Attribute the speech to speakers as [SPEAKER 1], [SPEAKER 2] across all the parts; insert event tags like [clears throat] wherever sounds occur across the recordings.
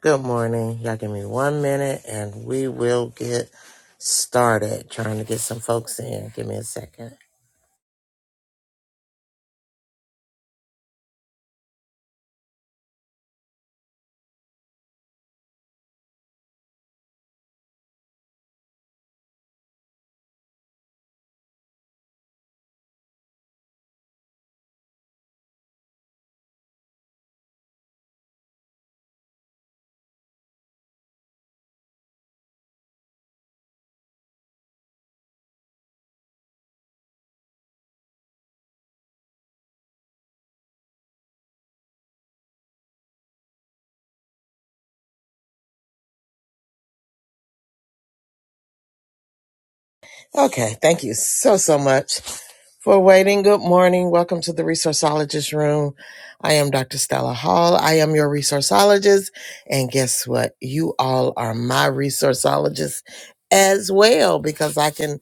[SPEAKER 1] Good morning. Y'all give me one minute and we will get started trying to get some folks in. Give me a second. Okay. Thank you so, so much for waiting. Good morning. Welcome to the Resourceologist Room. I am Dr. Stella Hall. I am your resourceologist. And guess what? You all are my resourceologists as well because I can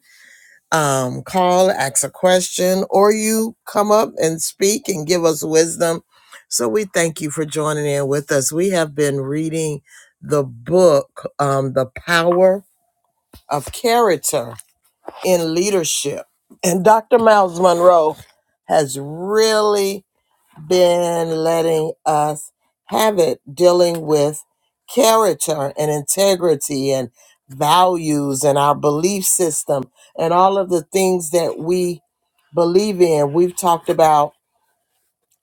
[SPEAKER 1] um, call, ask a question, or you come up and speak and give us wisdom. So we thank you for joining in with us. We have been reading the book, um, The Power of Character in Leadership. And Dr. Miles Monroe has really been letting us have it dealing with character and integrity and values and our belief system and all of the things that we believe in. We've talked about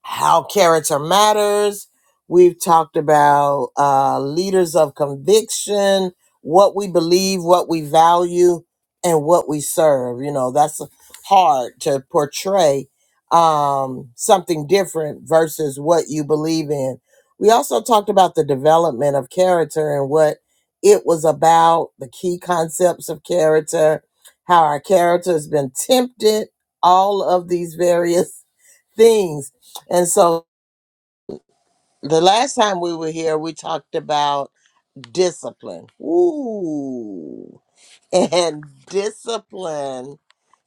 [SPEAKER 1] how character matters. We've talked about uh, leaders of conviction, what we believe, what we value, and what we serve. You know, that's hard to portray um, something different versus what you believe in. We also talked about the development of character and what it was about, the key concepts of character, how our character has been tempted, all of these various things. And so the last time we were here, we talked about discipline. Ooh. And discipline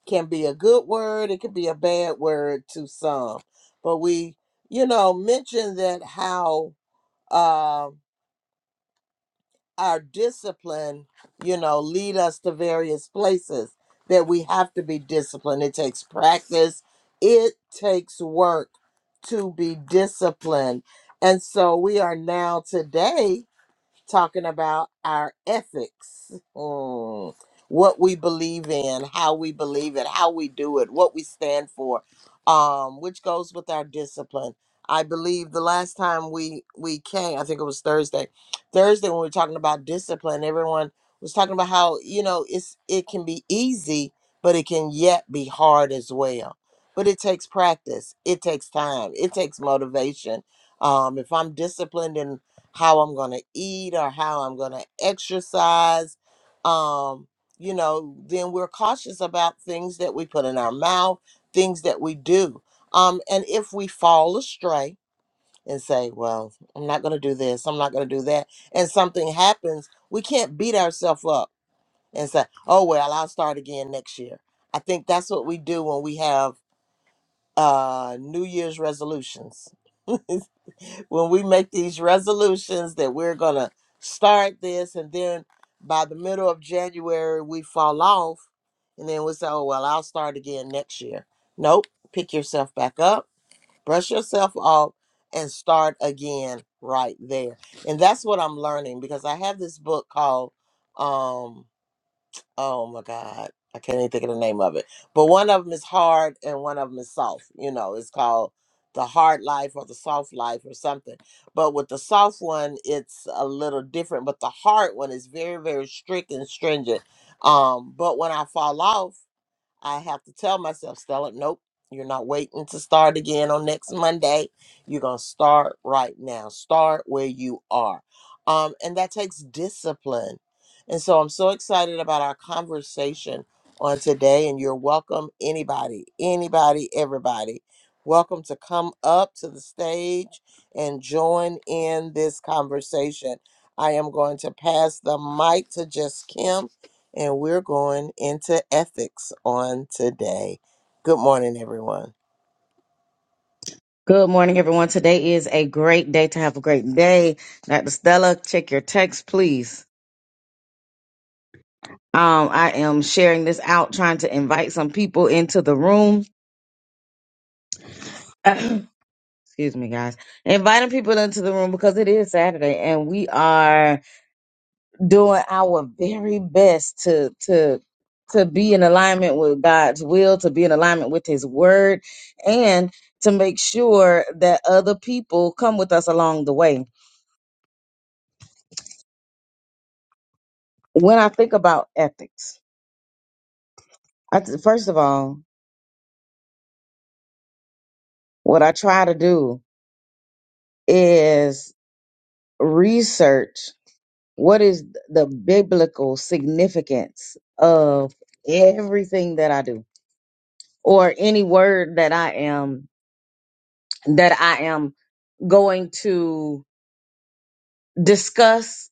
[SPEAKER 1] can be a good word, it can be a bad word to some. But we, you know, mentioned that how uh, our discipline, you know, lead us to various places that we have to be disciplined. It takes practice, it takes work to be disciplined. And so we are now today talking about our ethics, Mm. what we believe in, how we believe it, how we do it, what we stand for, um, which goes with our discipline. I believe the last time we we came, I think it was Thursday. Thursday when we were talking about discipline, everyone was talking about how you know it's it can be easy, but it can yet be hard as well. But it takes practice. It takes time. It takes motivation. Um, if I'm disciplined how I'm going to eat or how I'm going to exercise. Um, you know, then we're cautious about things that we put in our mouth, things that we do. Um, and if we fall astray and say, well, I'm not going to do this, I'm not going to do that, and something happens, we can't beat ourselves up and say, oh, well, I'll start again next year. I think that's what we do when we have uh, New Year's resolutions. [laughs] when we make these resolutions that we're going to start this and then by the middle of January we fall off and then we say, oh, well, I'll start again next year. Nope. Pick yourself back up, brush yourself off, and start again right there. And that's what I'm learning because I have this book called, um, oh my god i can't even think of the name of it but one of them is hard and one of them is soft you know it's called the hard life or the soft life or something but with the soft one it's a little different but the hard one is very very strict and stringent um but when i fall off I have to tell myself, Stella, nope, you're not waiting to start again on next Monday. You're going to start right now. Start where you are. Um, and that takes discipline. And so I'm so excited about our conversation on today. And you're welcome, anybody, anybody, everybody. Welcome to come up to the stage and join in this conversation. I am going to pass the mic to Just Kim and we're going into ethics on today. Good morning, everyone.
[SPEAKER 2] Good morning, everyone. Today is a great day to have a great day. Dr. Stella, check your text, please. Um, I am sharing this out, trying to invite some people into the room. [coughs] [clears throat] Excuse me, guys. Inviting people into the room because it is Saturday and we are doing our very best to to to be in alignment with God's will, to be in alignment with his word, and to make sure that other people come with us along the way. When I think about ethics, I t- first of all, what I try to do is research what is the biblical significance of everything that I do or any word that I am that I am going to discuss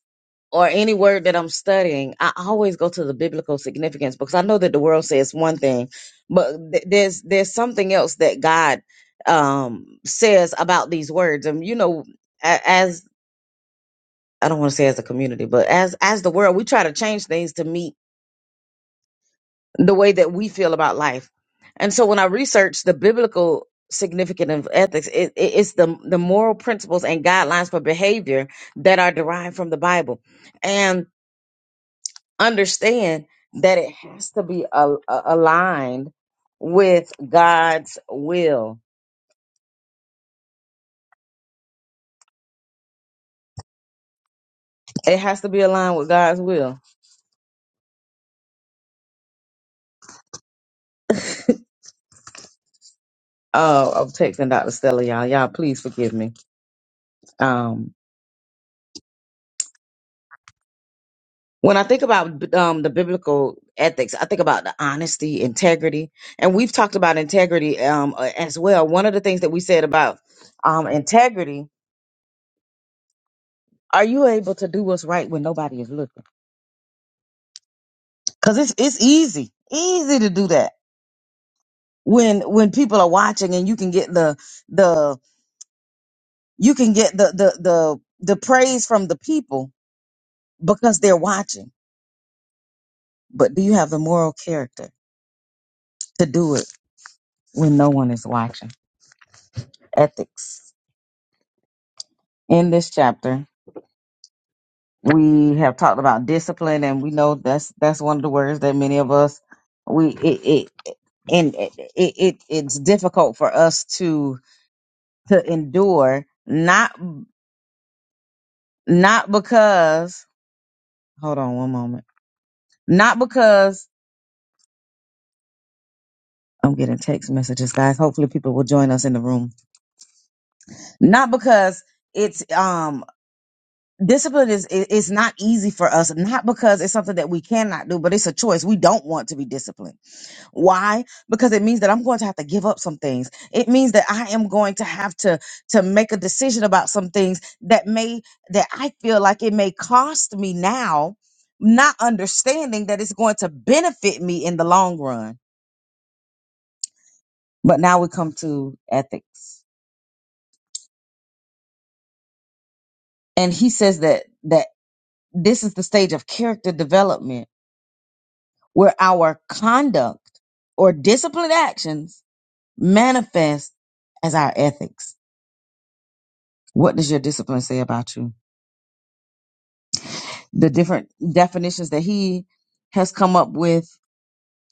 [SPEAKER 2] or any word that I'm studying, I always go to the biblical significance because I know that the world says one thing, but th- there's there's something else that God um, says about these words, and you know, a- as I don't want to say as a community, but as as the world, we try to change things to meet the way that we feel about life, and so when I research the biblical significance of ethics, it, it, it's the the moral principles and guidelines for behavior that are derived from the Bible, and understand that it has to be a- a- aligned with God's will. It has to be aligned with God's will. Uh, I'm texting Dr. Stella, y'all. Y'all, please forgive me. Um, when I think about um, the biblical ethics, I think about the honesty, integrity, and we've talked about integrity um, uh, as well. One of the things that we said about um, integrity: Are you able to do what's right when nobody is looking? Because it's it's easy, easy to do that when when people are watching and you can get the the you can get the the the the praise from the people because they're watching but do you have the moral character to do it when no one is watching ethics in this chapter we have talked about discipline and we know that's that's one of the words that many of us we it, it and it, it it- it's difficult for us to to endure not not because hold on one moment Not because I'm getting text messages, guys. Hopefully people will join us in the room. Not because it's um discipline is i- it's not easy for us, not because it's something that we cannot do, but it's a choice. We don't want to be disciplined. Why? Because it means that I'm going to have to give up some things. It means that I am going to have to to make a decision about some things that may that I feel like it may cost me now, not understanding that it's going to benefit me in the long run But now we come to ethics. And he says that that this is the stage of character development where our conduct or disciplined actions manifest as our ethics. What does your discipline say about you? The different definitions that he has come up with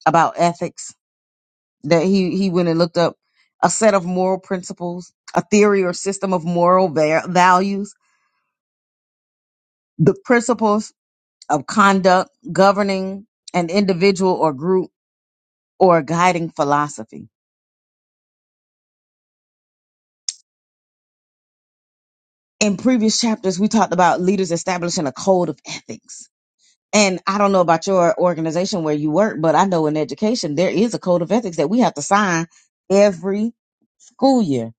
[SPEAKER 2] about ethics that he he went and looked up a set of moral principles, a theory or system of moral va- values, the principles of conduct governing an individual or group or a guiding philosophy. In previous chapters, we talked about leaders establishing a code of ethics. And I don't know about your organization where you work, but I know in education, there is a code of ethics that we have to sign every school year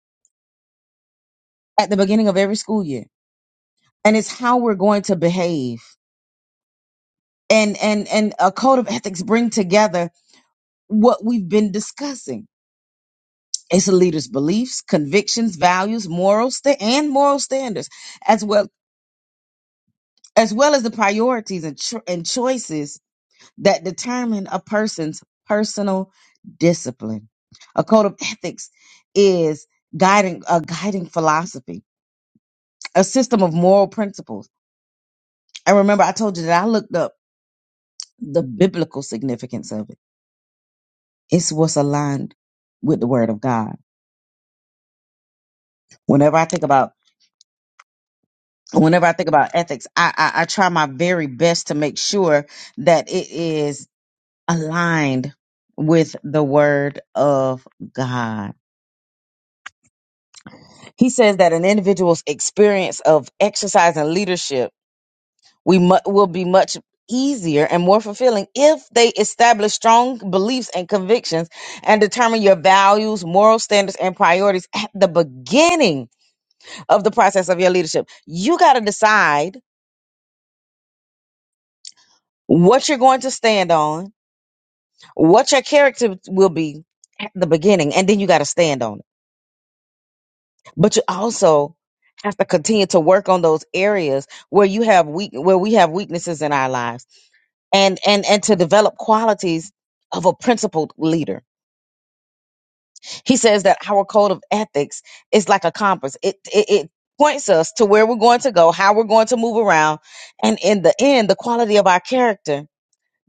[SPEAKER 2] at the beginning of every school year. And it's how we're going to behave. And, and, and a code of ethics bring together what we've been discussing It's a leader's beliefs, convictions, values, moral sta- and moral standards, as well as well as the priorities and, cho- and choices that determine a person's personal discipline. A code of ethics is guiding a guiding philosophy, a system of moral principles. And remember, I told you that I looked up the biblical significance of it. It's what's aligned with the Word of God. Whenever I think about whenever I think about ethics, I, I I try my very best to make sure that it is aligned with the word of God. He says that an individual's experience of exercise and leadership we mu- will be much easier and more fulfilling if they establish strong beliefs and convictions and determine your values, moral standards and priorities at the beginning of the process of your leadership. You got to decide what you're going to stand on what your character will be at the beginning and then you got to stand on it but you also have to continue to work on those areas where you have weak where we have weaknesses in our lives and and and to develop qualities of a principled leader he says that our code of ethics is like a compass it it, it points us to where we're going to go how we're going to move around and in the end the quality of our character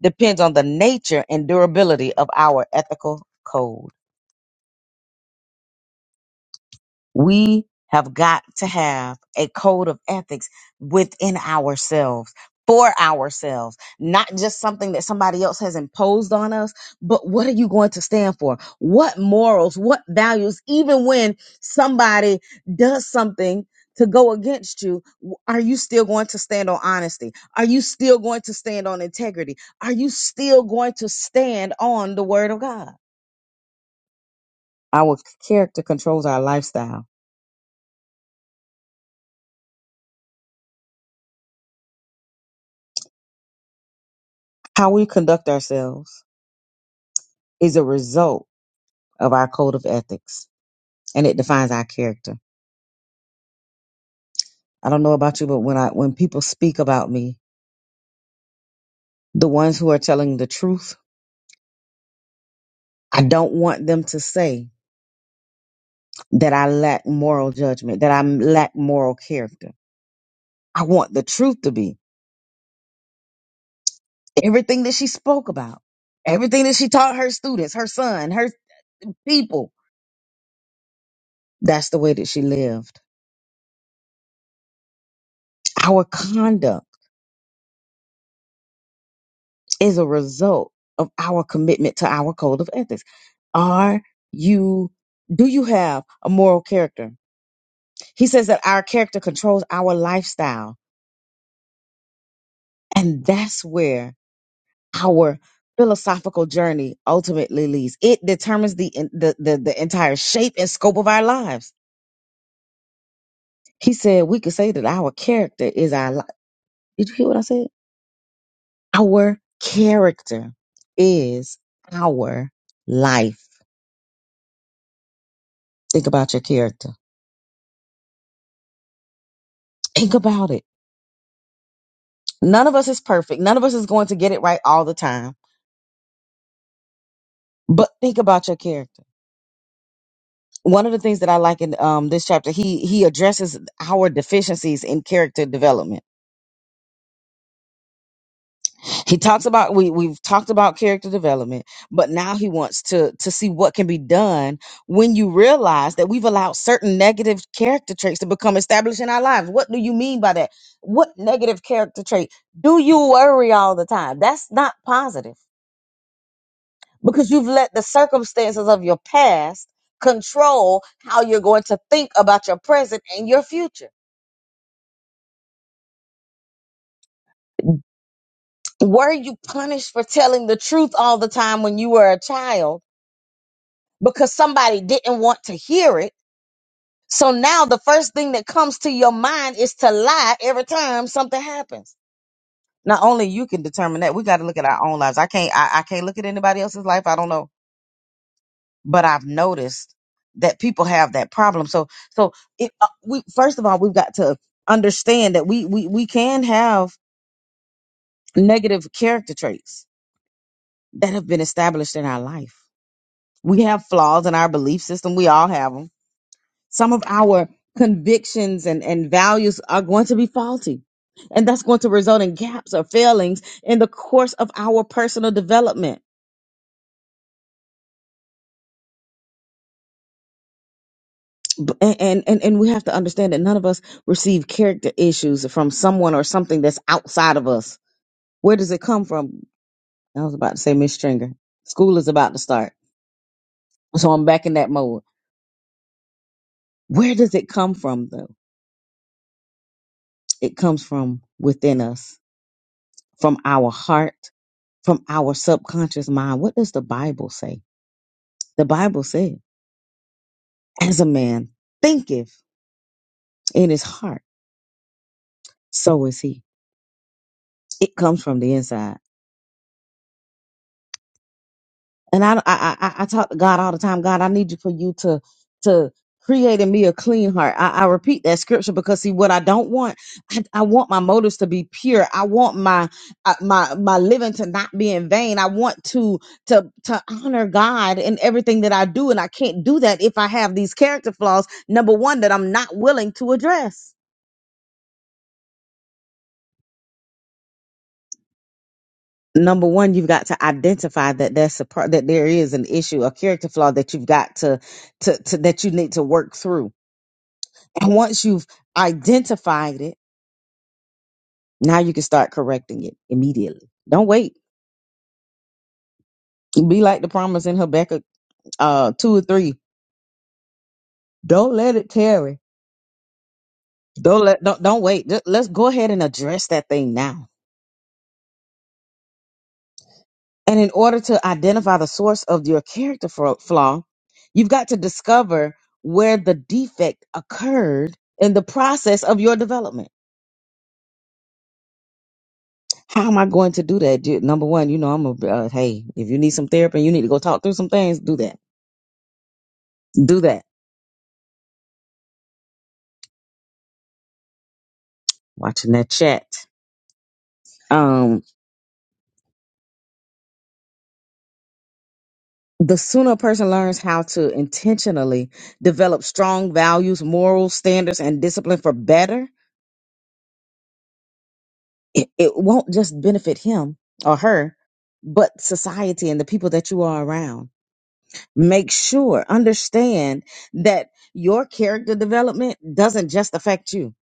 [SPEAKER 2] depends on the nature and durability of our ethical code We have got to have a code of ethics within ourselves, for ourselves, not just something that somebody else has imposed on us, but what are you going to stand for? What morals, what values, even when somebody does something to go against you, w- are you still going to stand on honesty? Are you still going to stand on integrity? Are you still going to stand on the word of God? Our character controls our lifestyle How we conduct ourselves is a result of our code of ethics and it defines our character. I don't know about you, but when I when people speak about me, the ones who are telling the truth, I don't want them to say that I lack moral judgment, that I lack moral character. I want the truth to be everything that she spoke about, everything that she taught her students, her son, her people. That's the way that she lived. Our conduct. is a result of our commitment to our code of ethics. Are you, do you have a moral character? He says that our character controls our lifestyle. And that's where our philosophical journey ultimately leads. It determines the, the, the, the entire shape and scope of our lives. He said we could say that our character is our life. Did you hear what I said? Our character is our life. Think about your character. Think about it None of us is perfect. None of us is going to get it right all the time. But think about your character. One of the things that I like in um, this chapter, he he addresses our deficiencies in character development. He talks about we we've talked about character development, but now he wants to to see what can be done when you realize that we've allowed certain negative character traits to become established in our lives. What do you mean by that? What negative character trait? Do you worry all the time? That's not positive because you've let the circumstances of your past control how you're going to think about your present and your future. Were you punished for telling the truth all the time when you were a child because somebody didn't want to hear it? So now the first thing that comes to your mind is to lie every time something happens. Not only you can determine that, we got to look at our own lives. I can't I, I can't look at anybody else's life. I don't know but I've noticed that people have that problem. So, so it, uh, we first of all we've got to understand that we we we can have negative character traits that have been established in our life. We have flaws in our belief system. We all have them. Some of our convictions and and values are going to be faulty. And that's going to result in gaps or failings in the course of our personal development B- and and and we have to understand that none of us receive character issues from someone or something that's outside of us. Where does it come from? I was about to say Miss Stringer. School is about to start, so I'm back in that mode. Where does it come from, though? It comes from within us, from our heart, from our subconscious mind. What does the Bible say? The Bible said, "As a man thinketh in his heart, so is he." It comes from the inside And I, I, I, I talk to God all the time. God, I need you for you to, to create in me a clean heart. I, I repeat that scripture because see what I don't want. I, I want my motives to be pure. I want my, uh, my, my living to not be in vain. I want to, to, to honor God in everything that I do. And I can't do that if I have these character flaws. Number one, that I'm not willing to address. Number one, you've got to identify that that's a part that there is an issue, a character flaw that you've got to, to, to that you need to work through And once you've identified it, now you can start correcting it immediately. Don't wait. Be like the promise in Habakkuk uh, two or three. Don't let it tarry. Don't let don't, don't wait. Just- Let's go ahead and address that thing now. And in order to identify the source of your character fro- flaw, you've got to discover where the defect occurred in the process of your development. How am I going to do that? Ju- Number one, you know, I'm a uh, hey. If you need some therapy, you need to go talk through some things. Do that. Do that watching that chat. Um, the sooner a person learns how to intentionally develop strong values, moral standards, and discipline for better, it, it won't just benefit him or her, but society and the people that you are around. Make sure, understand that your character development doesn't just affect you.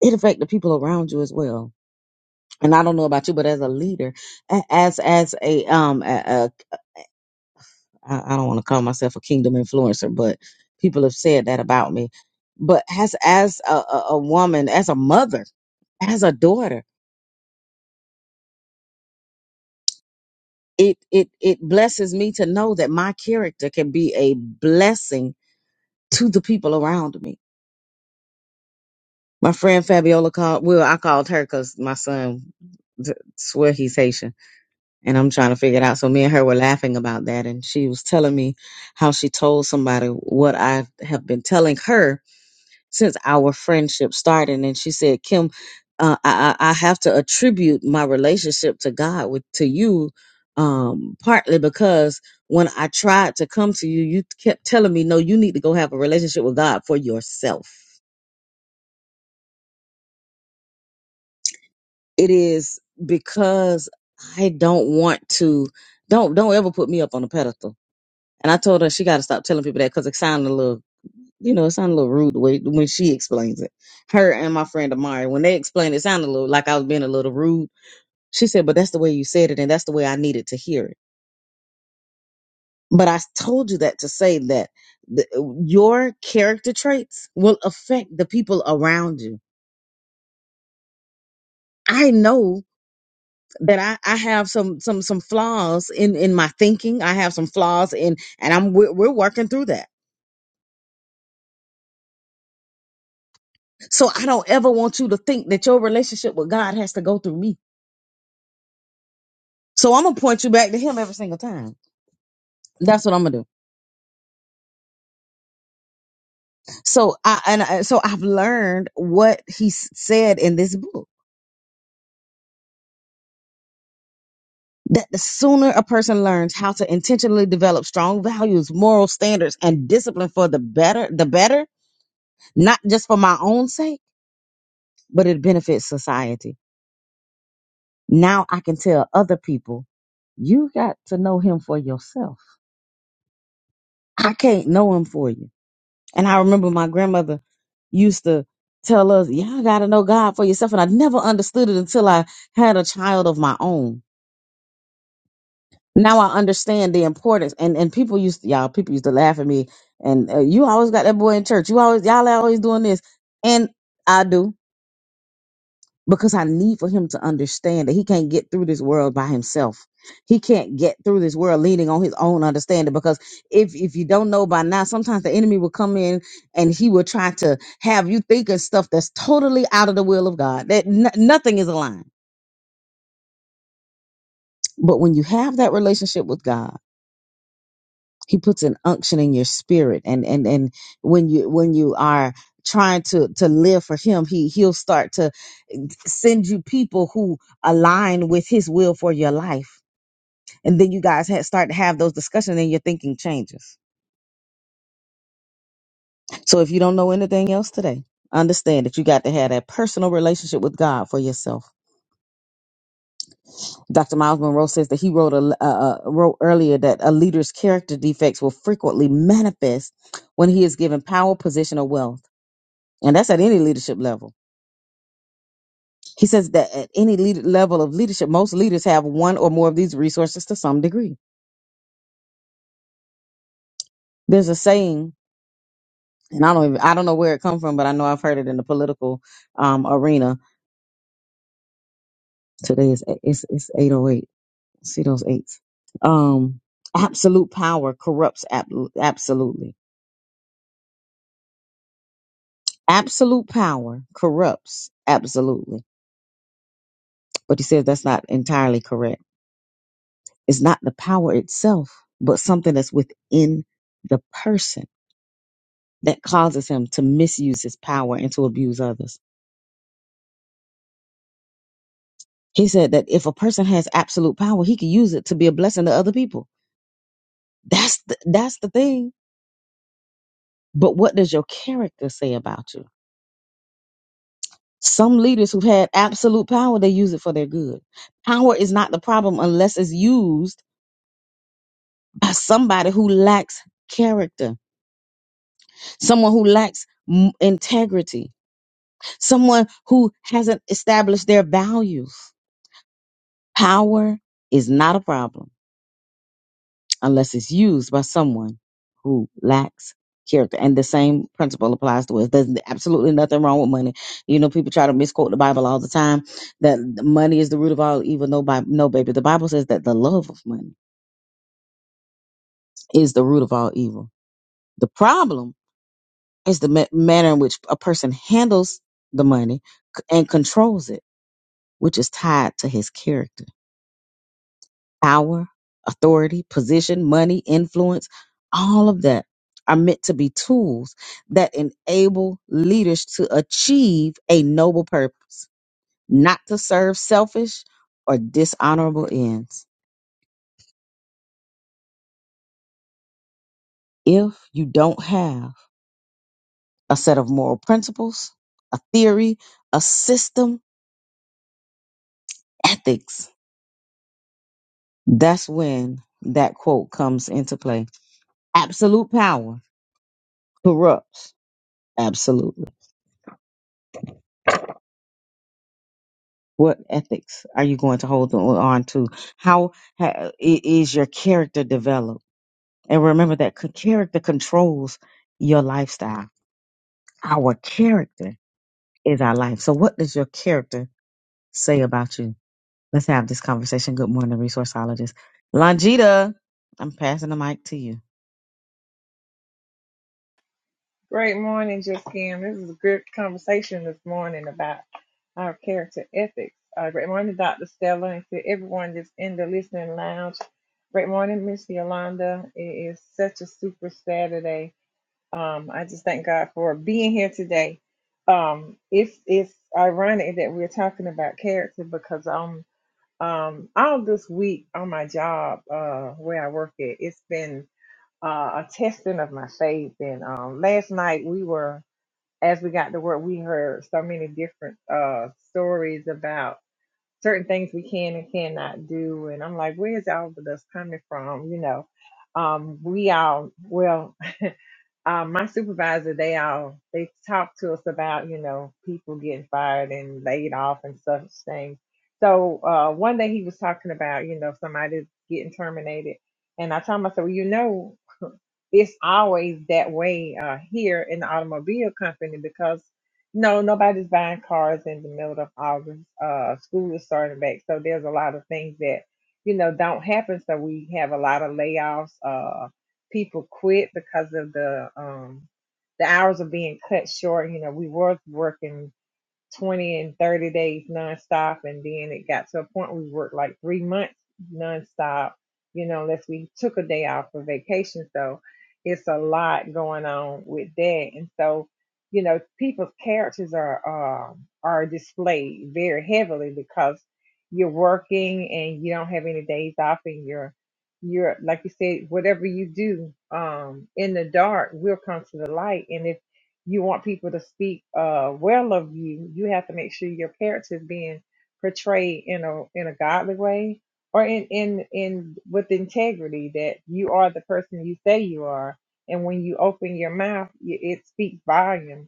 [SPEAKER 2] It affects the people around you as well. And I don't know about you, but as a leader, a- as as a um a, I, I don't want to call myself a kingdom influencer, but people have said that about me. But as as a, a, a woman, as a mother, as a daughter, it it it blesses me to know that my character can be a blessing to the people around me. My friend Fabiola called. Well, I called her because my son d- swear he's Haitian, and I'm trying to figure it out. So me and her were laughing about that, and she was telling me how she told somebody what I have been telling her since our friendship started and she said kim uh, I, I I have to attribute my relationship to god with to you um, partly because when i tried to come to you you kept telling me no you need to go have a relationship with god for yourself it is because i don't want to don't don't ever put me up on a pedestal and i told her she got to stop telling people that because it sounded a little you know, it sounded a little rude the way when she explains it. Her and my friend Amari, when they explained it, it sounded a little like I was being a little rude. She said, "But that's the way you said it, and that's the way I needed to hear it." But I told you that to say that the, your character traits will affect the people around you. I know that I, I have some some some flaws in in my thinking. I have some flaws in, and I'm we're, we're working through that. So I don't ever want you to think that your relationship with God has to go through me. So I'm gonna point you back to Him every single time That's what I'm gonna do. So I and I, so I've learned what he s- said in this book that the sooner a person learns how to intentionally develop strong values, moral standards, and discipline for the better, the better, not just for my own sake, but it benefits society. Now I can tell other people, you got to know him for yourself. I can't know him for you And I remember my grandmother used to tell us, y'all got to know God for yourself. And I never understood it until I had a child of my own. Now I understand the importance. And and people used to, y'all, people used to laugh at me. And uh, you always got that boy in church. You always, y'all always doing this. And I do. because I need for him to understand that he can't get through this world by himself. He can't get through this world leaning on his own understanding because if if you don't know by now, sometimes the enemy will come in and he will try to have you thinking stuff that's totally out of the will of God. That n- nothing is aligned. But when you have that relationship with God he puts an unction in your spirit and and and when you when you are trying to to live for him he he'll start to send you people who align with his will for your life and then you guys ha- start to have those discussions and your thinking changes so if you don't know anything else today understand that you got to have that personal relationship with god for yourself dr miles monroe says that he wrote a uh, uh, wrote earlier that a leader's character defects will frequently manifest when he is given power position or wealth and that's at any leadership level. He says that at any lead- level of leadership, most leaders have one or more of these resources to some degree. There's a saying, and I don't even, I don't know where it come from, but I know I've heard it in the political um, arena. Today is it's it's 808. See those eights. Um, absolute power corrupts ab- absolutely. Absolute power corrupts absolutely. But he says that's not entirely correct. It's not the power itself, but something that's within the person that causes him to misuse his power and to abuse others. He said that if a person has absolute power, he can use it to be a blessing to other people. That's the, that's the thing. But what does your character say about you? Some leaders who've had absolute power, they use it for their good. Power is not the problem unless it's used by somebody who lacks character, someone who lacks m- integrity, someone who hasn't established their values. Power is not a problem unless it's used by someone who lacks character. And the same principle applies to us. There's absolutely nothing wrong with money. You know, people try to misquote the Bible all the time that money is the root of all evil. No, Bi- no, baby. The Bible says that the love of money is the root of all evil. The problem is the ma- manner in which a person handles the money c- and controls it, which is tied to his character power, authority, position, money, influence, all of that are meant to be tools that enable leaders to achieve a noble purpose, not to serve selfish or dishonorable ends. If you don't have a set of moral principles, a theory, a system, ethics, that's when that quote comes into play. Absolute power corrupts absolutely What ethics are you going to hold on on to? How ha- i- is your character developed? And remember that c- character controls your lifestyle. Our character is our life. So, what does your character say about you? Let's have this conversation. Good morning, resourceologist. Longita, I'm passing the mic to you.
[SPEAKER 3] Great morning, Just This is a good conversation this morning about our character ethics. Uh, great morning, Dr. Stella, and to everyone that's in the listening lounge. Great morning, Miss Yolanda. It is such a super Saturday. Um, I just thank God for being here today. Um, it's it's ironic that we're talking about character because um um all this week on my job uh where I work at, it's been uh, a testing of my faith. And um, last night we were as we got to work, we heard so many different uh, stories about certain things we can and cannot do. And I'm like, where's all of this coming from? You know, um, we all, well, uh, my supervisor, they all they talked to us about you know people getting fired and laid off and such things. So uh, one day he was talking about you know somebody getting terminated, and I told him I said, well, you know, [laughs] it's always that way uh, here in the automobile company because no nobody's buying cars in the middle of August. Uh, school is starting back, so there's a lot of things that you know don't happen. So we have a lot of layoffs. Uh, people quit because of the um the hours are being cut short. You know, we were working 20 and 30 days nonstop. And then it got to a point where we worked like three months nonstop, you know, unless we took a day off for vacation. So it's a lot going on with that. And so, you know, people's characters are um, are displayed very heavily because you're working and you don't have any days off and you're you're like you said, whatever you do um in the dark will come to the light. And if you want people to speak uh, well of you, you have to make sure your character is being portrayed in a in a godly way or in in in with integrity that you are the person you say you are, and when you open your mouth, y- it speaks volume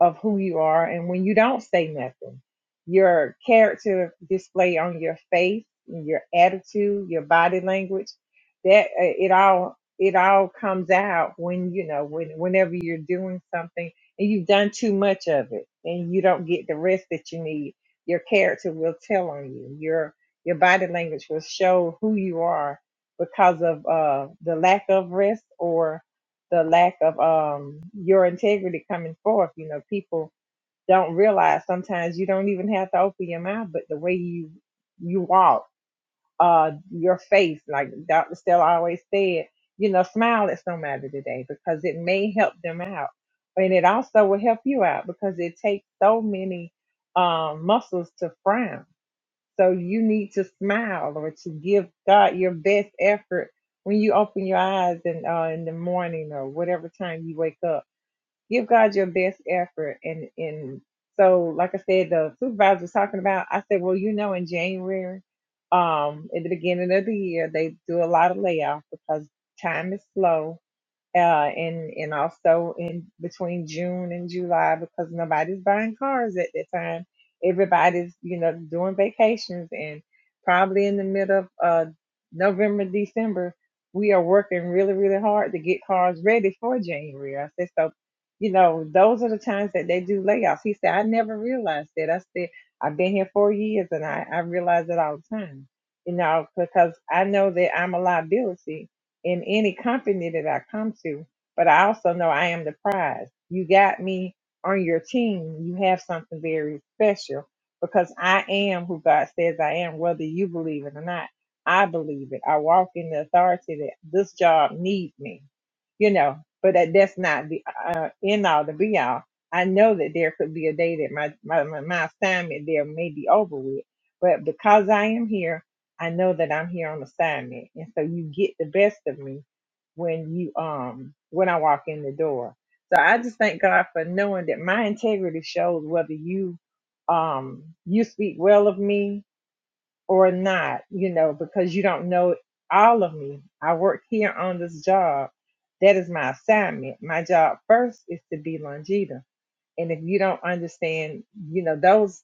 [SPEAKER 3] of who you are. And when you don't say nothing, your character display on your face, your attitude, your body language, that uh, it all it all comes out when you know when whenever you're doing something and you've done too much of it and you don't get the rest that you need. Your character will tell on you. Your your body language will show who you are because of uh, the lack of rest or the lack of um your integrity coming forth. You know, people don't realize sometimes you don't even have to open your mouth, but the way you you walk, uh, your face, like Dr. Stella always said, you know, smile at somebody today because it may help them out. And it also will help you out because it takes so many um muscles to frown so you need to smile or to give God your best effort when you open your eyes and uh, in the morning or whatever time you wake up. Give God your best effort. And and so, like I said, the supervisor was talking about. I said, well, you know, in January, um, at the beginning of the year, they do a lot of layoffs because time is slow uh, and and also in between June and July because nobody's buying cars at that time. Everybody's you know doing vacations and probably in the middle of uh, November December we are working really really hard to get cars ready for January. I said so. You know, those are the times that they do layoffs. He said, I never realized that. I said, I've been here four years and I, I realize it all the time, you know, because I know that I'm a liability in any company that I come to, but I also know I am the prize. You got me on your team. You have something very special because I am who God says I am, whether you believe it or not. I believe it. I walk in the authority that this job needs me, you know, but that, that's not the uh, end all, the be all. I know that there could be a day that my, my, my my assignment there may be over with, but because I am here, I know that I'm here on assignment. And so you get the best of me when you um when I walk in the door. So I just thank God for knowing that my integrity shows whether you um you speak well of me or not, you know, because you don't know all of me. I work here on this job. That is my assignment. My job first is to be Longita. And if you don't understand, you know, those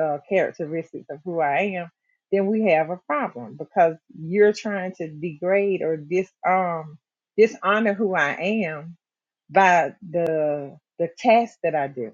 [SPEAKER 3] uh, characteristics of who I am, then we have a problem because you're trying to degrade or disarm, dishonor who I am by the the task that I do.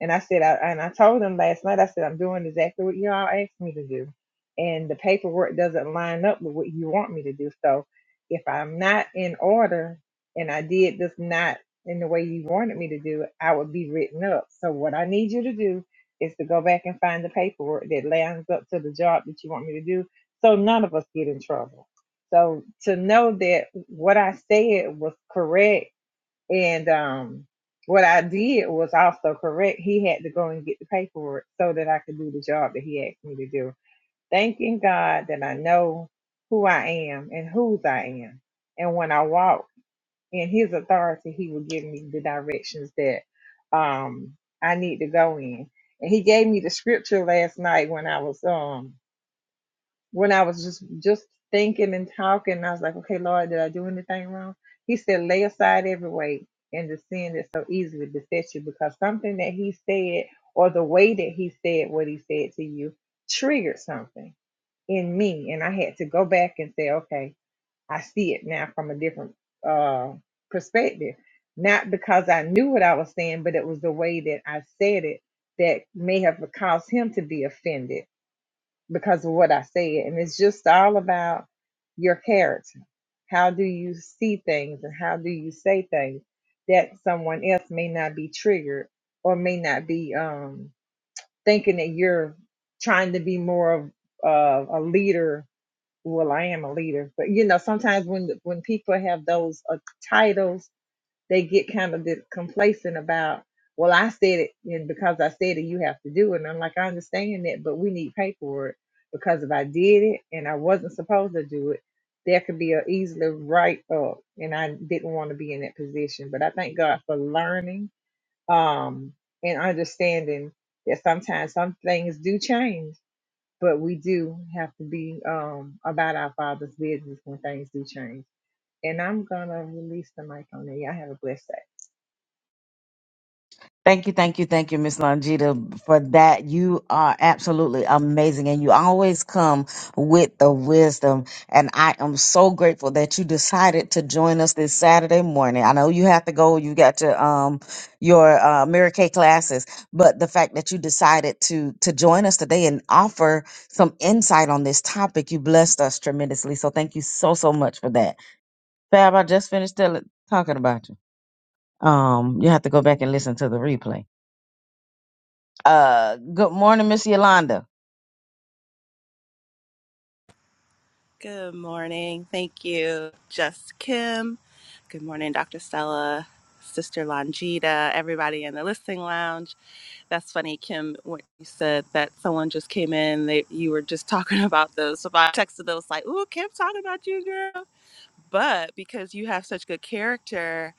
[SPEAKER 3] And I said, I, and I told them last night, I said, I'm doing exactly what y'all asked me to do. And the paperwork doesn't line up with what you want me to do. So if I'm not in order and I did this not in the way you wanted me to do it, I would be written up. So what I need you to do is to go back and find the paperwork that lines up to the job that you want me to do so none of us get in trouble. So to know that what I said was correct and um, what I did was also correct. He had to go and get the paperwork so that I could do the job that he asked me to do. Thanking God that I know who I am and whose I am. And when I walk in his authority, he will give me the directions that um, I need to go in. And he gave me the scripture last night when I was um, when I was just just thinking and talking, I was like, okay, Lord, did I do anything wrong? He said, lay aside every weight and the sin that so easily besets you, because something that he said or the way that he said what he said to you triggered something in me, and I had to go back and say, okay, I see it now from a different uh, perspective. Not because I knew what I was saying, but it was the way that I said it that may have caused him to be offended because of what I said. And it's just all about your character. How do you see things and how do you say things that someone else may not be triggered or may not be um, thinking that you're trying to be more of of a leader. Well, I am a leader, but you know, sometimes when when people have those uh, titles they get kind of this complacent about, well, I said it and because I said it, you have to do it. And I'm like, I understand that, but we need paperwork because if I did it and I wasn't supposed to do it, there could be a easily write up. And I didn't want to be in that position. But I thank God for learning um, and understanding that sometimes some things do change, but we do have to be um, about our Father's business when things do change. And I'm going to release the mic on there. Y'all have a blessed day.
[SPEAKER 2] Thank you, thank you, thank you, Miss Longita, for that. You are absolutely amazing, and you always come with the wisdom. And I am so grateful that you decided to join us this Saturday morning. I know you have to go; you got your um your uh, Mary Kay classes, but the fact that you decided to to join us today and offer some insight on this topic, you blessed us tremendously. So thank you so so much for that, Fab. I just finished telling talking about you. Um, you have to go back and listen to the replay uh, good morning, Miss Yolanda.
[SPEAKER 4] Good morning. Thank you, Just Kim. Good morning, Dr. Stella, Sister Longita, everybody in the listening lounge. That's funny, Kim, when you said that someone just came in, they, you were just [laughs] talking about those. So I texted those like, ooh, Kim's talking about you, girl. But because you have such good character,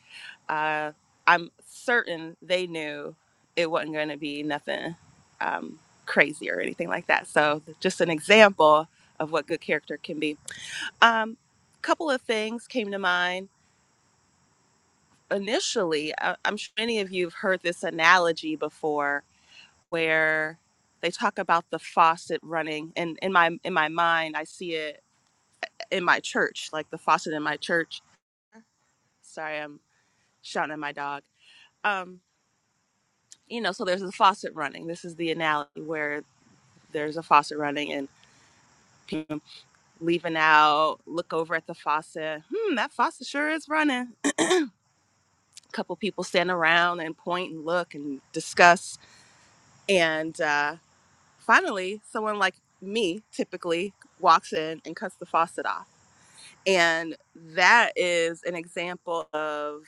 [SPEAKER 4] uh, I'm certain they knew it wasn't going to be nothing um, crazy or anything like that. So just an example of what good character can be. Um, couple of things came to mind. Initially, I, I'm sure many of you have heard this analogy before, where they talk about the faucet running, and in my in my mind, I see it in my church, like the faucet in my church. Sorry, I'm shouting at my dog. Um, you know, so there's a faucet running. This is the analogy where there's a faucet running, and people leaving out, look over at the faucet. Hmm, that faucet sure is running. A couple people stand around and point and look and discuss. And uh, finally, someone like me typically walks in and cuts the faucet off. And that is an example of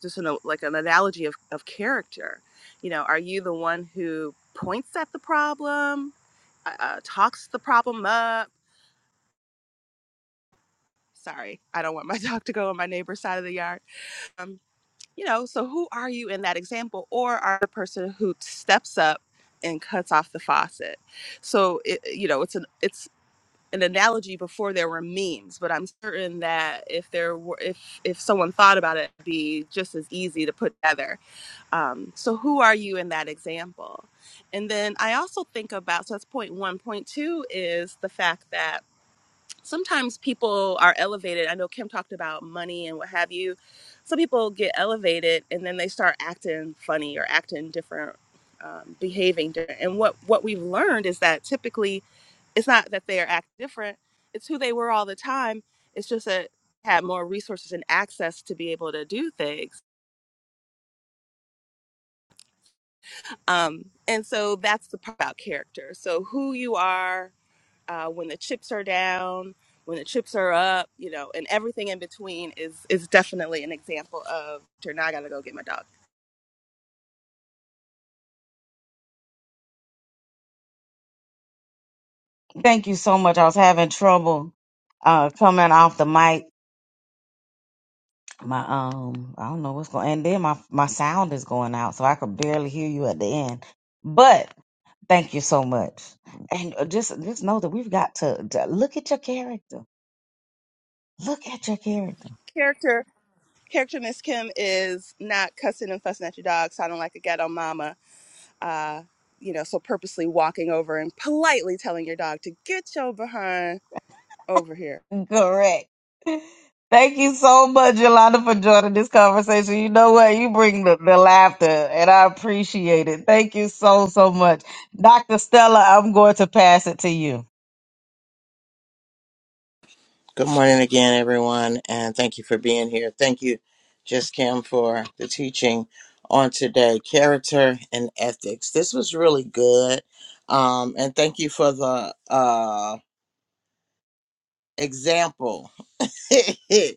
[SPEAKER 4] just an, like an analogy of, of character. You know, are you the one who points at the problem, uh, uh, talks the problem up? Sorry, I don't want my [laughs] dog to go on my neighbor's side of the yard Um, you know so who are you in that example or are the person who steps up and cuts off the faucet so it, you know it's an it's an analogy before there were memes but i'm certain that if there were if if someone thought about it it'd be just as easy to put together um, so who are you in that example and then i also think about so that's point one. Point two is the fact that sometimes people are elevated. I know Kim talked about money and what have you. Some people get elevated and then they start acting funny or acting different, um, behaving different. And what what we've learned is that typically it's not that they are act different; it's who they were all the time. It's just that they had more resources and access to be able to do things. Um, and so that's the part about character. So who you are uh, when the chips are down, when the chips are up, you know, and everything in between is is definitely an example of "Here, now I gotta go get my dog.
[SPEAKER 2] Thank you so much. I was having trouble uh coming off the mic. My um, I don't know what's going. And then my my sound is going out, so I could barely hear you at the end. But thank you so much. And uh, just just know that we've got to, to look at your character. Look at your character.
[SPEAKER 4] Character character Miss Kim is not cussing and fussing at your dog, sounding like a ghetto mama. Uh, you know, so purposely walking over and politely telling your dog to get your behind over here.
[SPEAKER 2] Correct. Thank you so much, Yolanda, for joining this conversation. You know what? You bring the, the laughter, and I appreciate it. Thank you so, so much. Dr. Stella, I'm going to pass it to you.
[SPEAKER 1] Good morning again, everyone, and thank you for being here. Thank you, Just Kim, for the teaching on today character and ethics. This was really good. Um, and thank you for the uh, example [laughs]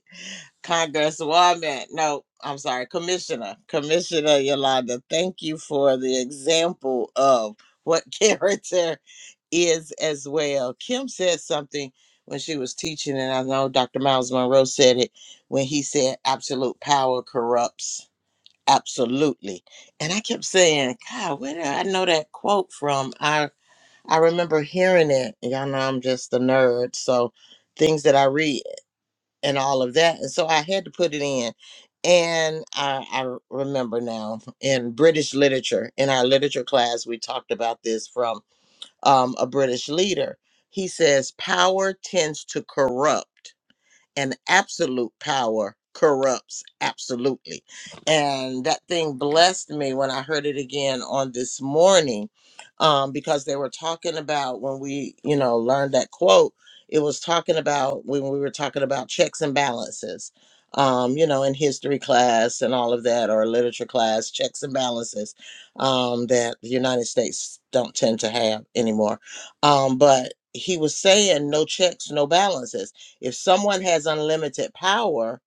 [SPEAKER 1] Congresswoman, no, I'm sorry, Commissioner, Commissioner Yolanda, thank you for the example of what [laughs] character is as well. Kim said something when she was teaching, and I know Dr. Miles Monroe said it when he said, absolute power corrupts. Absolutely. And I kept saying, God, where did I know that quote from? I I remember hearing it. Y'all know I'm just a nerd. So things that I read and all of that. And so I had to put it in. And I, I remember now in British literature, in our literature class, we talked about this from um, a British leader. He says, Power tends to corrupt, and absolute power corrupts absolutely. And that thing blessed me when I heard it again on this morning um, because they were talking about when we, you know, learned that quote, it was talking about when we were talking about checks and balances, um, you know, in history class and all of that, or literature class, checks and balances um, that the United States don't tend to have anymore. Um, but he was saying no checks, no balances if someone has unlimited power,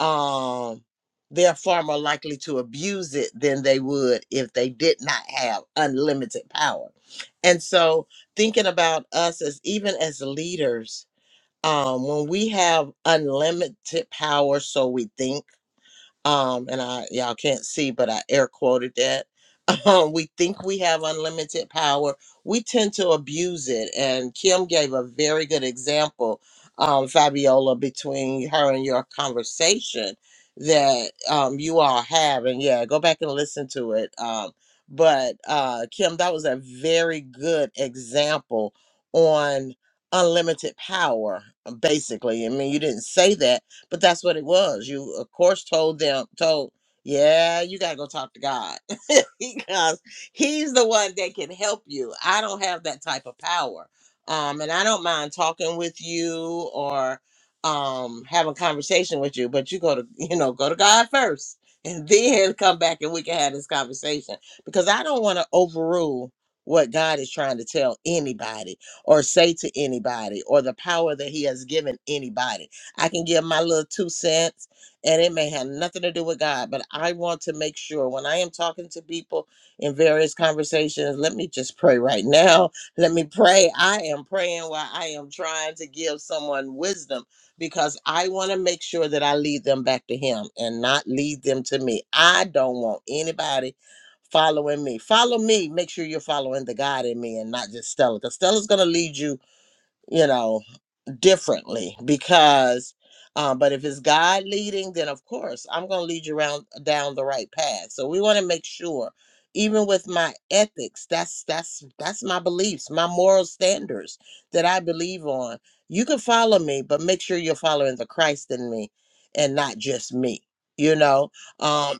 [SPEAKER 1] um, they're far more likely to abuse it than they would if they did not have unlimited power. And so, thinking about us as even as leaders, um, when we have unlimited power, so we think, um, and I y'all can't see, but I air quoted that [laughs] we think we have unlimited power. We tend to abuse it. And Kim gave a very good example, um, Fabiola, between her and your conversation that um, you all have. And yeah, go back and listen to it. Um, but uh, Kim, that was a very good example on unlimited power uh, basically i mean you didn't say that but that's what it was you of course told them told yeah you got to go talk to god [laughs] because he's the one that can help you. I don't have that type of power. Um, and I don't mind talking with you or um having conversation with you, but you go to you know, go to God first [laughs] and then come back and we can have this conversation. Because I don't want to overrule what God is trying to tell anybody or say to anybody or the power that he has given anybody. I can give my little two cents and it may have nothing to do with God, but I want to make sure when I am talking to people in various conversations, let me just pray right now. [laughs] Let me pray. I am praying while I am trying to give someone wisdom because I want to make sure that I lead them back to Him and not lead them to me. I don't want anybody following me. Follow me. Make sure you're following the God in me and not just Stella because Stella's going to lead you, you know differently because um, but if it's god leading then of course i'm going to lead you around down the right path so we want to make sure even with my ethics that's that's that's my beliefs my moral standards that i believe on you can follow me but make sure you're following the christ in me and not just me you know um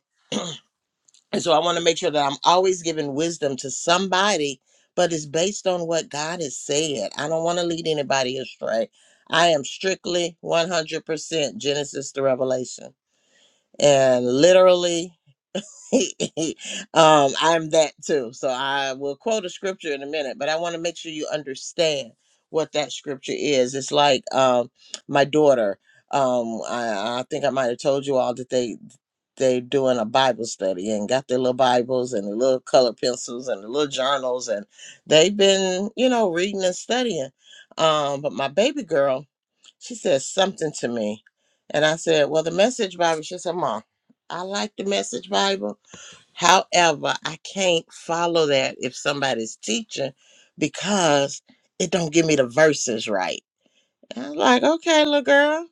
[SPEAKER 1] and so I want to make sure that I'm always giving wisdom to somebody, but it's based on what God has said. I don't want to lead anybody astray. I am strictly 100% Genesis to Revelation. And literally, [laughs] um, I'm that too. So I will quote a scripture in a minute, but I want to make sure you understand what that scripture is. It's like um, my daughter. Um, I, I think I might have told you all that they they doing a Bible study and got their little Bibles and their little color pencils and their little journals and they've been you know reading and studying. Um, but my baby girl, she said something to me, and I said, "Well, the Message Bible." She said, "Mom, I like the Message Bible." However, I can't follow that if somebody's teaching because it don't give me the verses right. I was like, okay, little girl,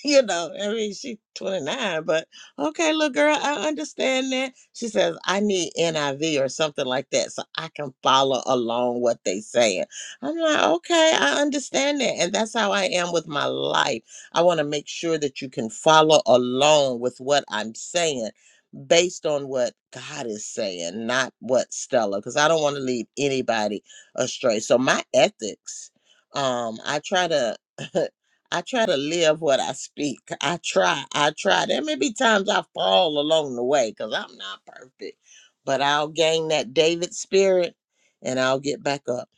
[SPEAKER 1] [laughs] you know, I mean, she's 29, but okay, little girl, I understand that. She says, I need NIV or something like that so I can follow along what they saying. I'm like, okay, I understand that. And that's how I am with my life. I want to make sure that you can follow along with what I'm saying based on what God is saying, not what Stella, because I don't want to lead anybody astray. So my ethics, um, I try to. [laughs] I try to live what I speak. I try. I try. There may be times I fall along the way because I'm not perfect, but I'll gain that David spirit and I'll get back up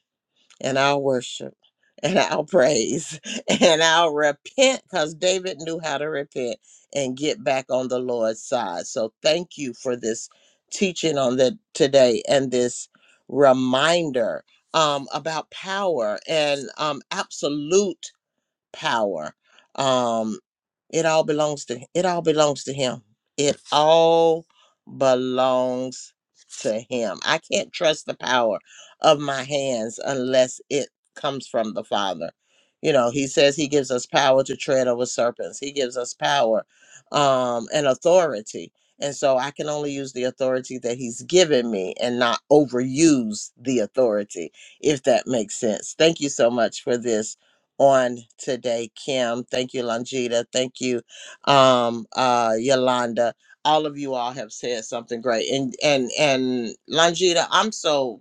[SPEAKER 1] and I'll worship [laughs] and I'll praise [laughs] and I'll repent because David knew how to repent and get back on the Lord's side. So thank you for this teaching on the today and this reminder um, about power and um, absolute power. Um, it all belongs to it all belongs to him. It all belongs to him. I can't trust the power of my hands unless it comes from the Father. You know, he says he gives us power to tread over serpents. He gives us power um and authority. And so I can only use the authority that he's given me and not overuse the authority, if that makes sense. Thank you so much for this on today, Kim. Thank you, Longita. Thank you, um, uh, Yolanda. All of you all have said something great, and and and Longita, I'm so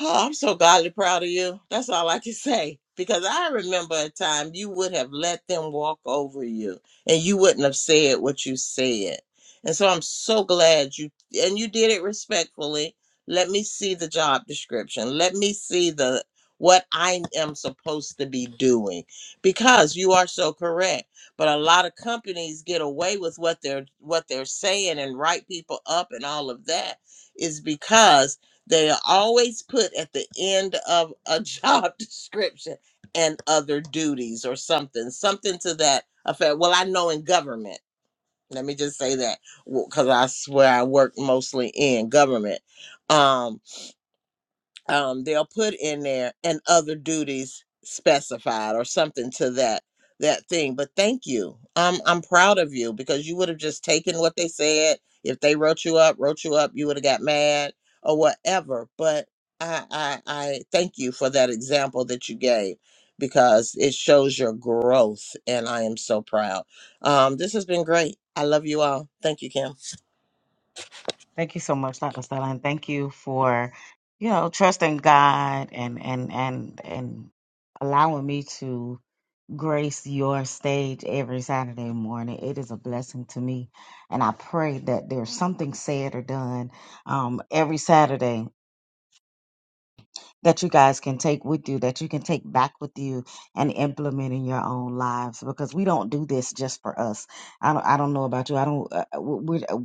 [SPEAKER 1] Oh, I'm so godly proud of you. That's all I can [laughs] say. Because I remember a time you would have let them walk over you and you wouldn't have said what you said. And so I'm so glad you, and you did it respectfully. Let me see the job description. Let me see the, what I am supposed to be doing because you are so correct. But a lot of companies get away with what they're, what they're saying and write people up and all of that is because they are always put at the end of a [laughs] job description and other duties or something, something to that effect. Well, I know in government, let me just say that because I swear I work mostly in government. Um, um, they'll put in there and other duties specified or something to that that thing. But thank you. Um, I'm proud of you because you would have just taken what they said. If they wrote you up, wrote you up, you would have got mad or whatever. But I, I I thank you for that example that you gave because it shows your growth and I am so proud. Um, this has been great. I love you all. Thank you, Kim.
[SPEAKER 2] Thank you so much, Dr. Stella, and thank you for, you know, trusting God and and and and allowing me to grace your stage every Saturday morning. It is a blessing to me. And I pray that there's something said or done um, every Saturday that you guys can take with you, that you can take back with you and implement in your own lives because we don't do this just for us. I don't, I don't know about you. I don't, uh, we, we uh,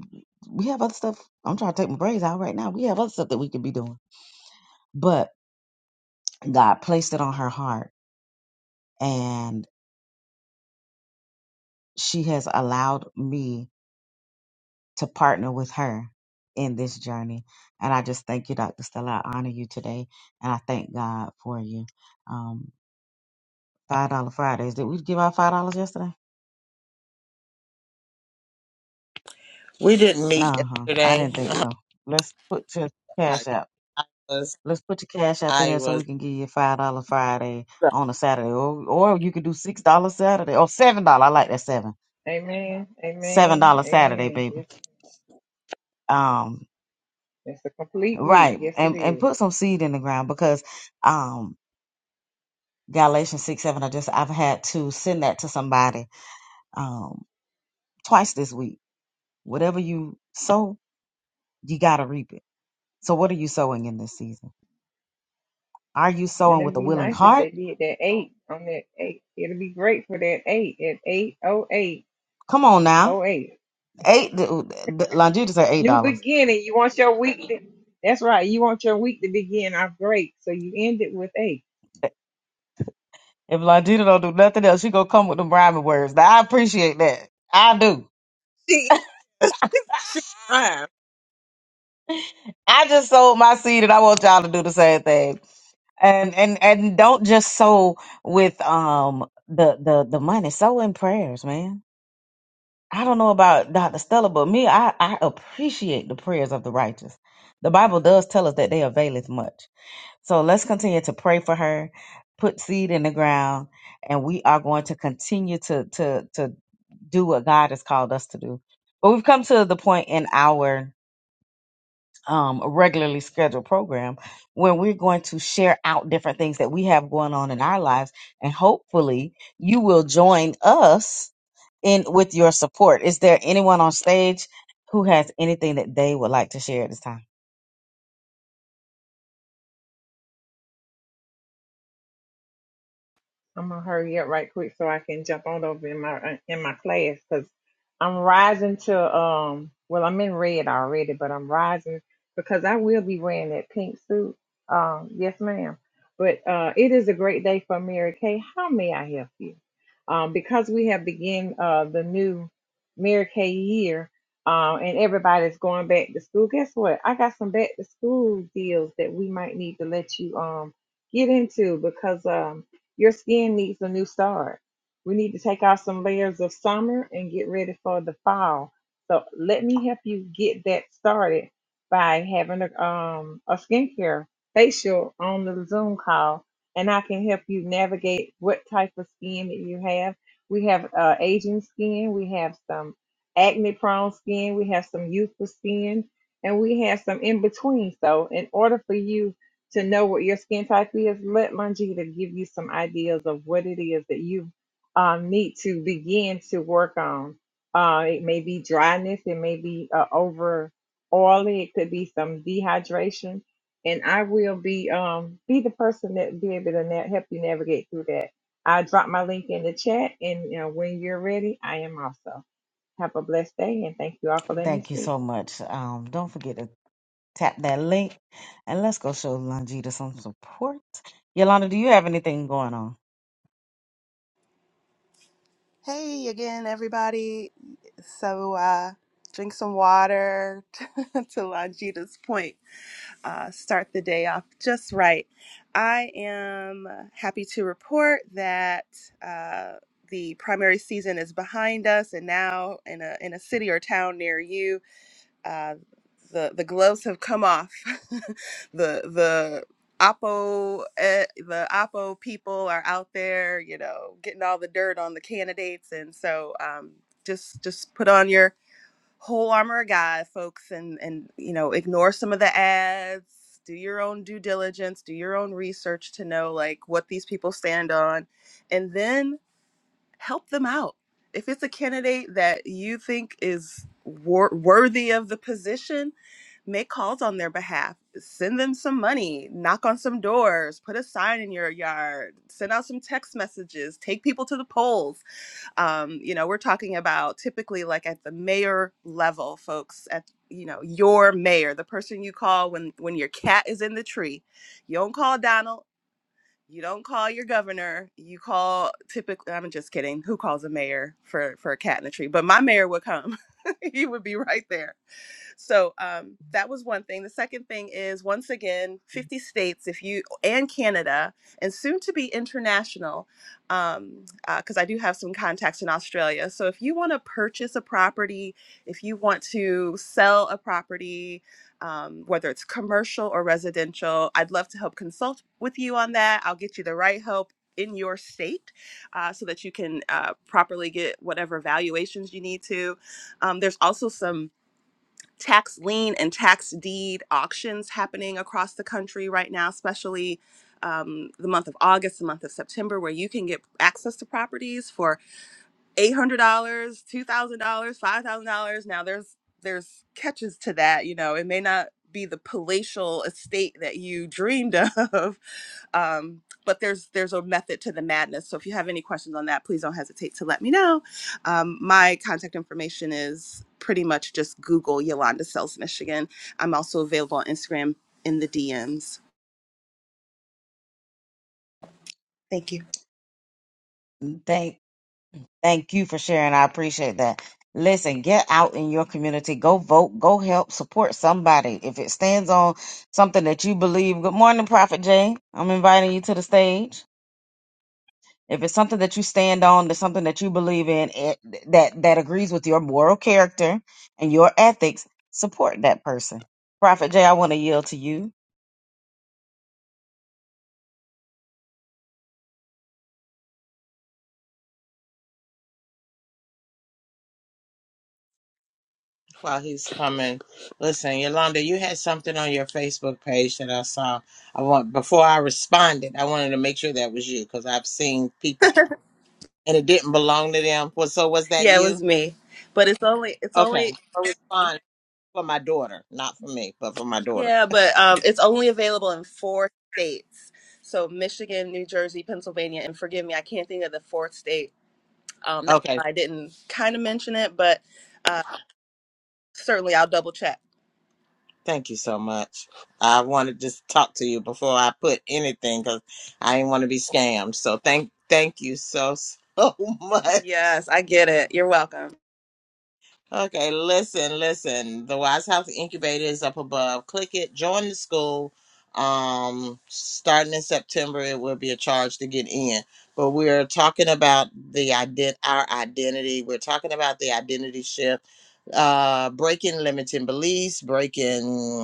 [SPEAKER 2] we have other stuff. I'm trying to take my braids out right now. We have other stuff that we could be doing, but God placed it on her heart and she has allowed me to partner with her in this journey. And I just thank you, Dr. Stella. I honor you today and I thank God for you. Um, $5 Fridays. Did we give out $5 yesterday?
[SPEAKER 1] We didn't meet
[SPEAKER 2] Uh-huh. I
[SPEAKER 1] yesterday.
[SPEAKER 2] didn't think so. Let's put your
[SPEAKER 1] I,
[SPEAKER 2] cash app.
[SPEAKER 1] I was
[SPEAKER 2] Let's put your cash app in
[SPEAKER 1] I
[SPEAKER 2] there so
[SPEAKER 1] was
[SPEAKER 2] we can give you five dollar Friday on a Saturday. Or or you could do six dollar Saturday or seven dollar. I like that seven.
[SPEAKER 3] Amen.
[SPEAKER 2] Seven
[SPEAKER 3] Amen.
[SPEAKER 2] dollar Saturday,
[SPEAKER 3] Amen.
[SPEAKER 2] baby.
[SPEAKER 3] It's,
[SPEAKER 2] Um
[SPEAKER 3] it's a complete week.
[SPEAKER 2] right.
[SPEAKER 3] Yes, it
[SPEAKER 2] And and
[SPEAKER 3] is.
[SPEAKER 2] put some seed in the ground because um Galatians six seven I just I've had to send that to somebody um twice this week. Whatever you sow, you gotta reap it. So what are you sowing in this season? Are you
[SPEAKER 3] And
[SPEAKER 2] sowing
[SPEAKER 3] it'd
[SPEAKER 2] with a
[SPEAKER 3] be
[SPEAKER 2] willing
[SPEAKER 3] nice if
[SPEAKER 2] heart?
[SPEAKER 3] they did that eight on that eight. It'll be great for that eight at eight oh eight
[SPEAKER 2] Come on now
[SPEAKER 3] oh eight.
[SPEAKER 2] Eight, Longita said eight
[SPEAKER 3] New
[SPEAKER 2] dollars.
[SPEAKER 3] beginning. You want your week. To, that's right. You want your week to begin off great. So you end it with eight.
[SPEAKER 2] If Longita don't do nothing else, she gonna come with them rhyming words. Now I appreciate that. I do.
[SPEAKER 1] She she rhyme.
[SPEAKER 2] I just sold my seed, and I want y'all to do the same thing. And and and don't just sow with um the the the money. Sow in prayers, man. I don't know about Dr. Stella, but me, I I appreciate the prayers of the righteous. The Bible does tell us that they availeth much. So let's continue to pray for her, put seed in the ground, and we are going to continue to to to do what God has called us to do. But we've come to the point in our um, regularly scheduled program where we're going to share out different things that we have going on in our lives, and hopefully you will join us in with your support. Is there anyone on stage who has anything that they would like to share at this time?
[SPEAKER 3] I'm gonna hurry up right quick so I can jump on over in my in my class because I'm rising to um. Well, I'm in red already, but I'm rising because I will be wearing that pink suit. Um, yes, ma'am. But uh, it is a great day for Mary Kay. How may I help you? Um, because we have begin uh the new Mary Kay year, um, and everybody's going back to school. Guess what? I got some back to school deals that we might need to let you um get into because um your skin needs a new start. We need to take off some layers of summer and get ready for the fall. So let me help you get that started by having a um a skincare facial on the Zoom call, and I can help you navigate what type of skin that you have. We have uh, aging skin, we have some acne prone skin, we have some youthful skin, and we have some in between. So in order for you to know what your skin type is, let Longita give you some ideas of what it is that you um, need to begin to work on. Uh, it may be dryness, it may be uh, over oily, it could be some dehydration, and I will be um, be the person that be able to na- help you navigate through that. I drop my link in the chat, and you know, when you're ready, I am also. Have a blessed day, and thank you all for letting me
[SPEAKER 2] Thank you
[SPEAKER 3] speak.
[SPEAKER 2] so much. Um, don't forget to Tap that link and let's go show Longita some support. Yolanda, do you have anything going on?
[SPEAKER 4] Hey again, everybody. So uh drink some water [laughs] to Langita's point uh, start the day off just right. I am happy to report that uh, the primary season is behind us, and now in a in a city or town near you, uh, the the gloves have come off. [laughs] the the oppo eh, the oppo people are out there, you know, getting all the dirt on the candidates, and so um, just just put on your whole armor of God, folks, and and you know, ignore some of the ads, do your own due diligence, do your own research to know like what these people stand on, and then help them out. If it's a candidate that you think is wor- worthy of the position, make calls on their behalf. Send them some money, knock on some doors, put a sign in your yard, send out some text messages, take people to the polls um, you know we're talking about typically like at the mayor level folks at you know your mayor the person you call when when your cat is in the tree you don't call donald you don't call your governor you call typically i'm just kidding who calls a mayor for for a cat in the tree but my mayor would come [laughs] he would be right there so um, that was one thing. The second thing is once again, 50 states, if you and Canada, and soon to be international, because um, uh, 'cause I do have some contacts in Australia. So if you want to purchase a property, if you want to sell a property, um, whether it's commercial or residential, I'd love to help consult with you on that. I'll get you the right help in your state uh, so that you can uh, properly get whatever valuations you need to. Um, there's also some tax lien and tax deed auctions happening across the country right now, especially um, the month of August, the month of September, where you can get access to properties for eight hundred dollars, two thousand dollars, five thousand dollars. Now there's there's catches to that. You know, it may not be the palatial estate that you dreamed of, [laughs] um, but there's there's a method to the madness so if you have any questions on that please don't hesitate to let me know um, my contact information is pretty much just google yolanda sells michigan i'm also available on instagram in the dms thank you
[SPEAKER 2] Thank thank you for sharing. I appreciate that. Listen, get out in your community. Go vote. Go help support somebody. If it stands on something that you believe. Good morning, Prophet Jay. I'm inviting you to the stage. If it's something that you stand on, that's something that you believe in, it, that that agrees with your moral character and your ethics, support that person. Prophet Jay, I want to yield to you.
[SPEAKER 1] while he's coming. Listen, Yolanda, you had something on your Facebook page that I saw. I want before I responded, I wanted to make sure that was you because I've seen people and it didn't belong to them. Well, so was that
[SPEAKER 4] yeah it was
[SPEAKER 1] you?
[SPEAKER 4] me but it's only it's
[SPEAKER 1] Okay,
[SPEAKER 4] only
[SPEAKER 1] I respond for my daughter, not for me, but for my daughter.
[SPEAKER 4] yeah but um, it's only available in four states so michigan new jersey pennsylvania and forgive me i can't think of the fourth state um, that's
[SPEAKER 1] Okay,
[SPEAKER 4] why i didn't kind of mention it but uh, certainly i'll double check
[SPEAKER 1] thank you so much. I wanted to just talk to you before I put anything because I didn't want to be scammed. So thank thank you so so [laughs] much.
[SPEAKER 4] Yes, I get it. You're welcome.
[SPEAKER 1] Okay, listen, listen. The Wise House Incubator is up above. Click it, join the school. Um, starting in September, it will be a charge to get in. But we're talking about the ident our identity. We're talking about the identity shift, uh, breaking limiting beliefs, breaking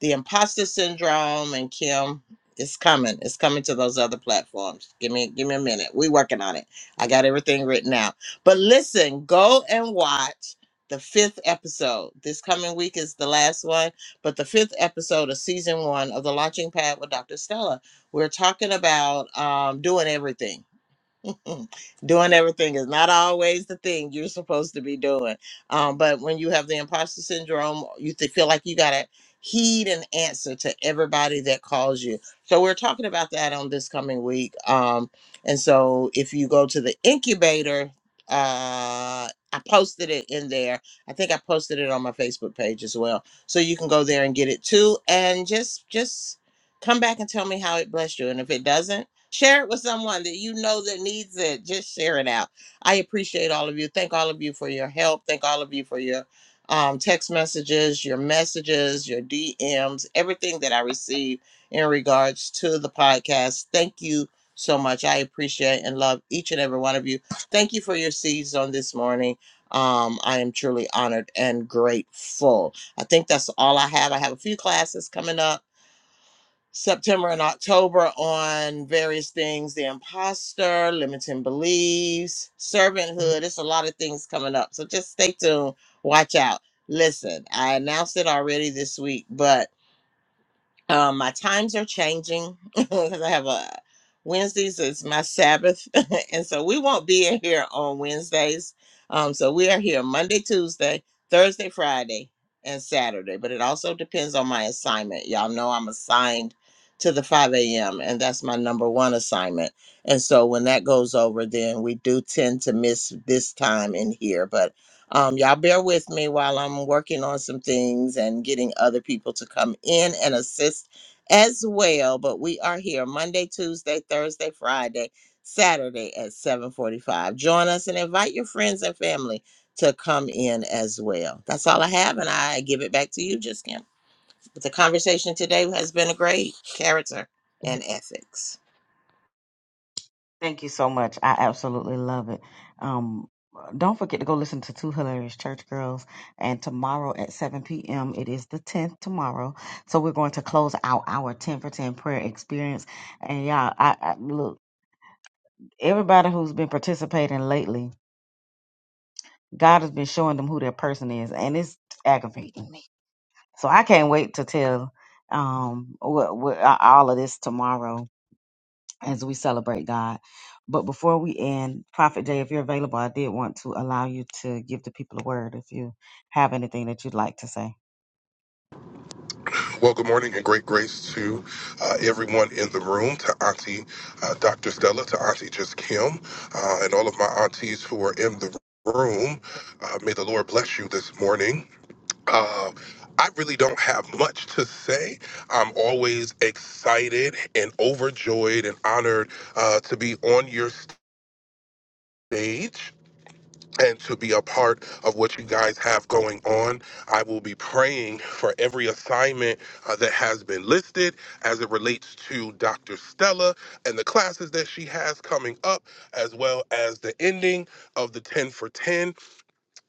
[SPEAKER 1] the imposter syndrome and Kim. It's coming. It's coming to those other platforms. Give me give me a minute. we working on it. I got everything written out. But listen, go and watch the fifth episode. This coming week is the last one, but the fifth episode of season one of The Launching Pad with Dr. Stella. We're talking about um, doing everything [laughs] doing everything is not always the thing you're supposed to be doing. Um, but when you have the imposter syndrome, you th- feel like you got to heed and answer to everybody that calls you. So we're talking about that on this coming week. Um, and so if you go to the incubator, uh, I posted it in there. I think I posted it on my Facebook page as well. So you can go there and get it too. And just, just, come back and tell me how it blessed you and if it doesn't Share it with someone that you know that needs it. Just share it out. I appreciate all of you. Thank all of you for your help. Thank all of you for your um, text messages, your messages, your DMs, everything that I receive in regards to the podcast. Thank you so much. I appreciate and love each and every one of you. Thank you for your seeds on this morning. Um, I am truly honored and grateful. I think that's all I have. I have a few classes coming up September and October on various things the imposter, limiting beliefs, servanthood. It's a lot of things coming up. So just stay tuned. Watch out. Listen, I announced it already this week, but um, my times are changing [laughs] because I have a Wednesdays is my Sabbath, [laughs] and so we won't be in here on Wednesdays. Um, so we are here Monday, Tuesday, Thursday, Friday, and Saturday. But it also depends on my assignment. Y'all know I'm assigned to the 5 a.m. and that's my number one assignment. And so when that goes over, then we do tend to miss this time in here. But um, y'all bear with me while I'm working on some things and getting other people to come in and assist as well. But we are here Monday, Tuesday, Thursday, Friday, Saturday at 7:45. Join us and invite your friends and family to come in as well. That's all I have, and I give it back to you, just Kim. The conversation today has been a great character and ethics.
[SPEAKER 2] Thank you so much. I absolutely love it. Um, don't forget to go listen to Two Hilarious Church Girls. And tomorrow at 7 p.m., it is the 10th tomorrow. So we're going to close out our 10 for 10 prayer experience. And y'all, I, I look, everybody who's been participating lately, God has been showing them who their person is, and it's aggravating me. So I can't wait to tell um what, what all of this tomorrow as we celebrate God. But before we end, Prophet Jay, if you're available, I did want to allow you to give the people a word if you have anything that you'd like to say.
[SPEAKER 5] Well, good morning and great grace to uh, everyone in the room, to Auntie uh, Dr. Stella, to Auntie Just Kim, uh, and all of my aunties who are in the room. Uh, may the Lord bless you this morning. Uh, I really don't have much to say. I'm always excited and overjoyed and honored uh, to be on your stage and to be a part of what you guys have going on. I will be praying for every assignment uh, that has been listed as it relates to Dr. Stella and the classes that she has coming up, as well as the ending of the 10 for 10.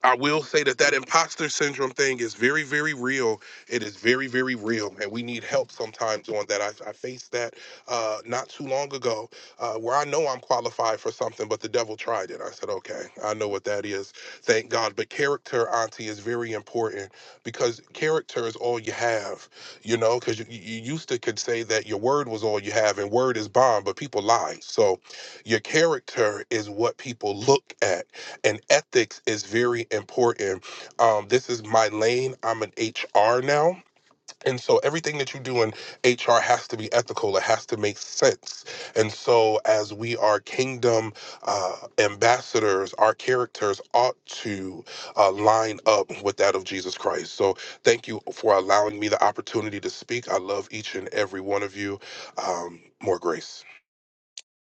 [SPEAKER 5] I will say that that imposter syndrome thing is very, very real. It is very, very real, and we need help sometimes on that. I, I faced that uh, not too long ago, uh, where I know I'm qualified for something, but the devil tried it. I said, "Okay, I know what that is. Thank God." But character, Auntie, is very important because character is all you have. You know, because you, you used to could say that your word was all you have, and word is bond, but people lie. So, your character is what people look at and ethics is very important. Um, this is my lane. I'm an HR now. And so everything that you do in HR has to be ethical. It has to make sense. And so, as we are kingdom uh, ambassadors, our characters ought to uh, line up with that of Jesus Christ. So, thank you for allowing me the opportunity to speak. I love each and every one of you. Um, more grace.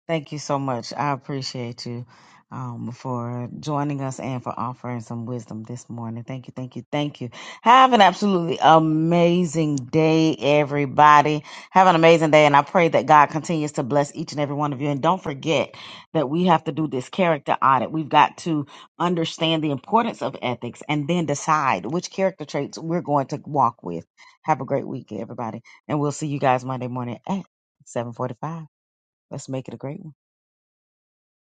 [SPEAKER 2] Thank you so much. I appreciate you um, for joining us and for offering some wisdom this morning. Thank you, thank you, thank you. Have an absolutely amazing day, everybody. Have an amazing day, and I pray that God continues to bless each and every one of you. And don't forget that we have to do this character audit. We've got to understand the importance of ethics and then decide which character traits we're going to walk with. Have a great week, everybody, and we'll see you guys Monday morning at 7:45. Let's make it a great one.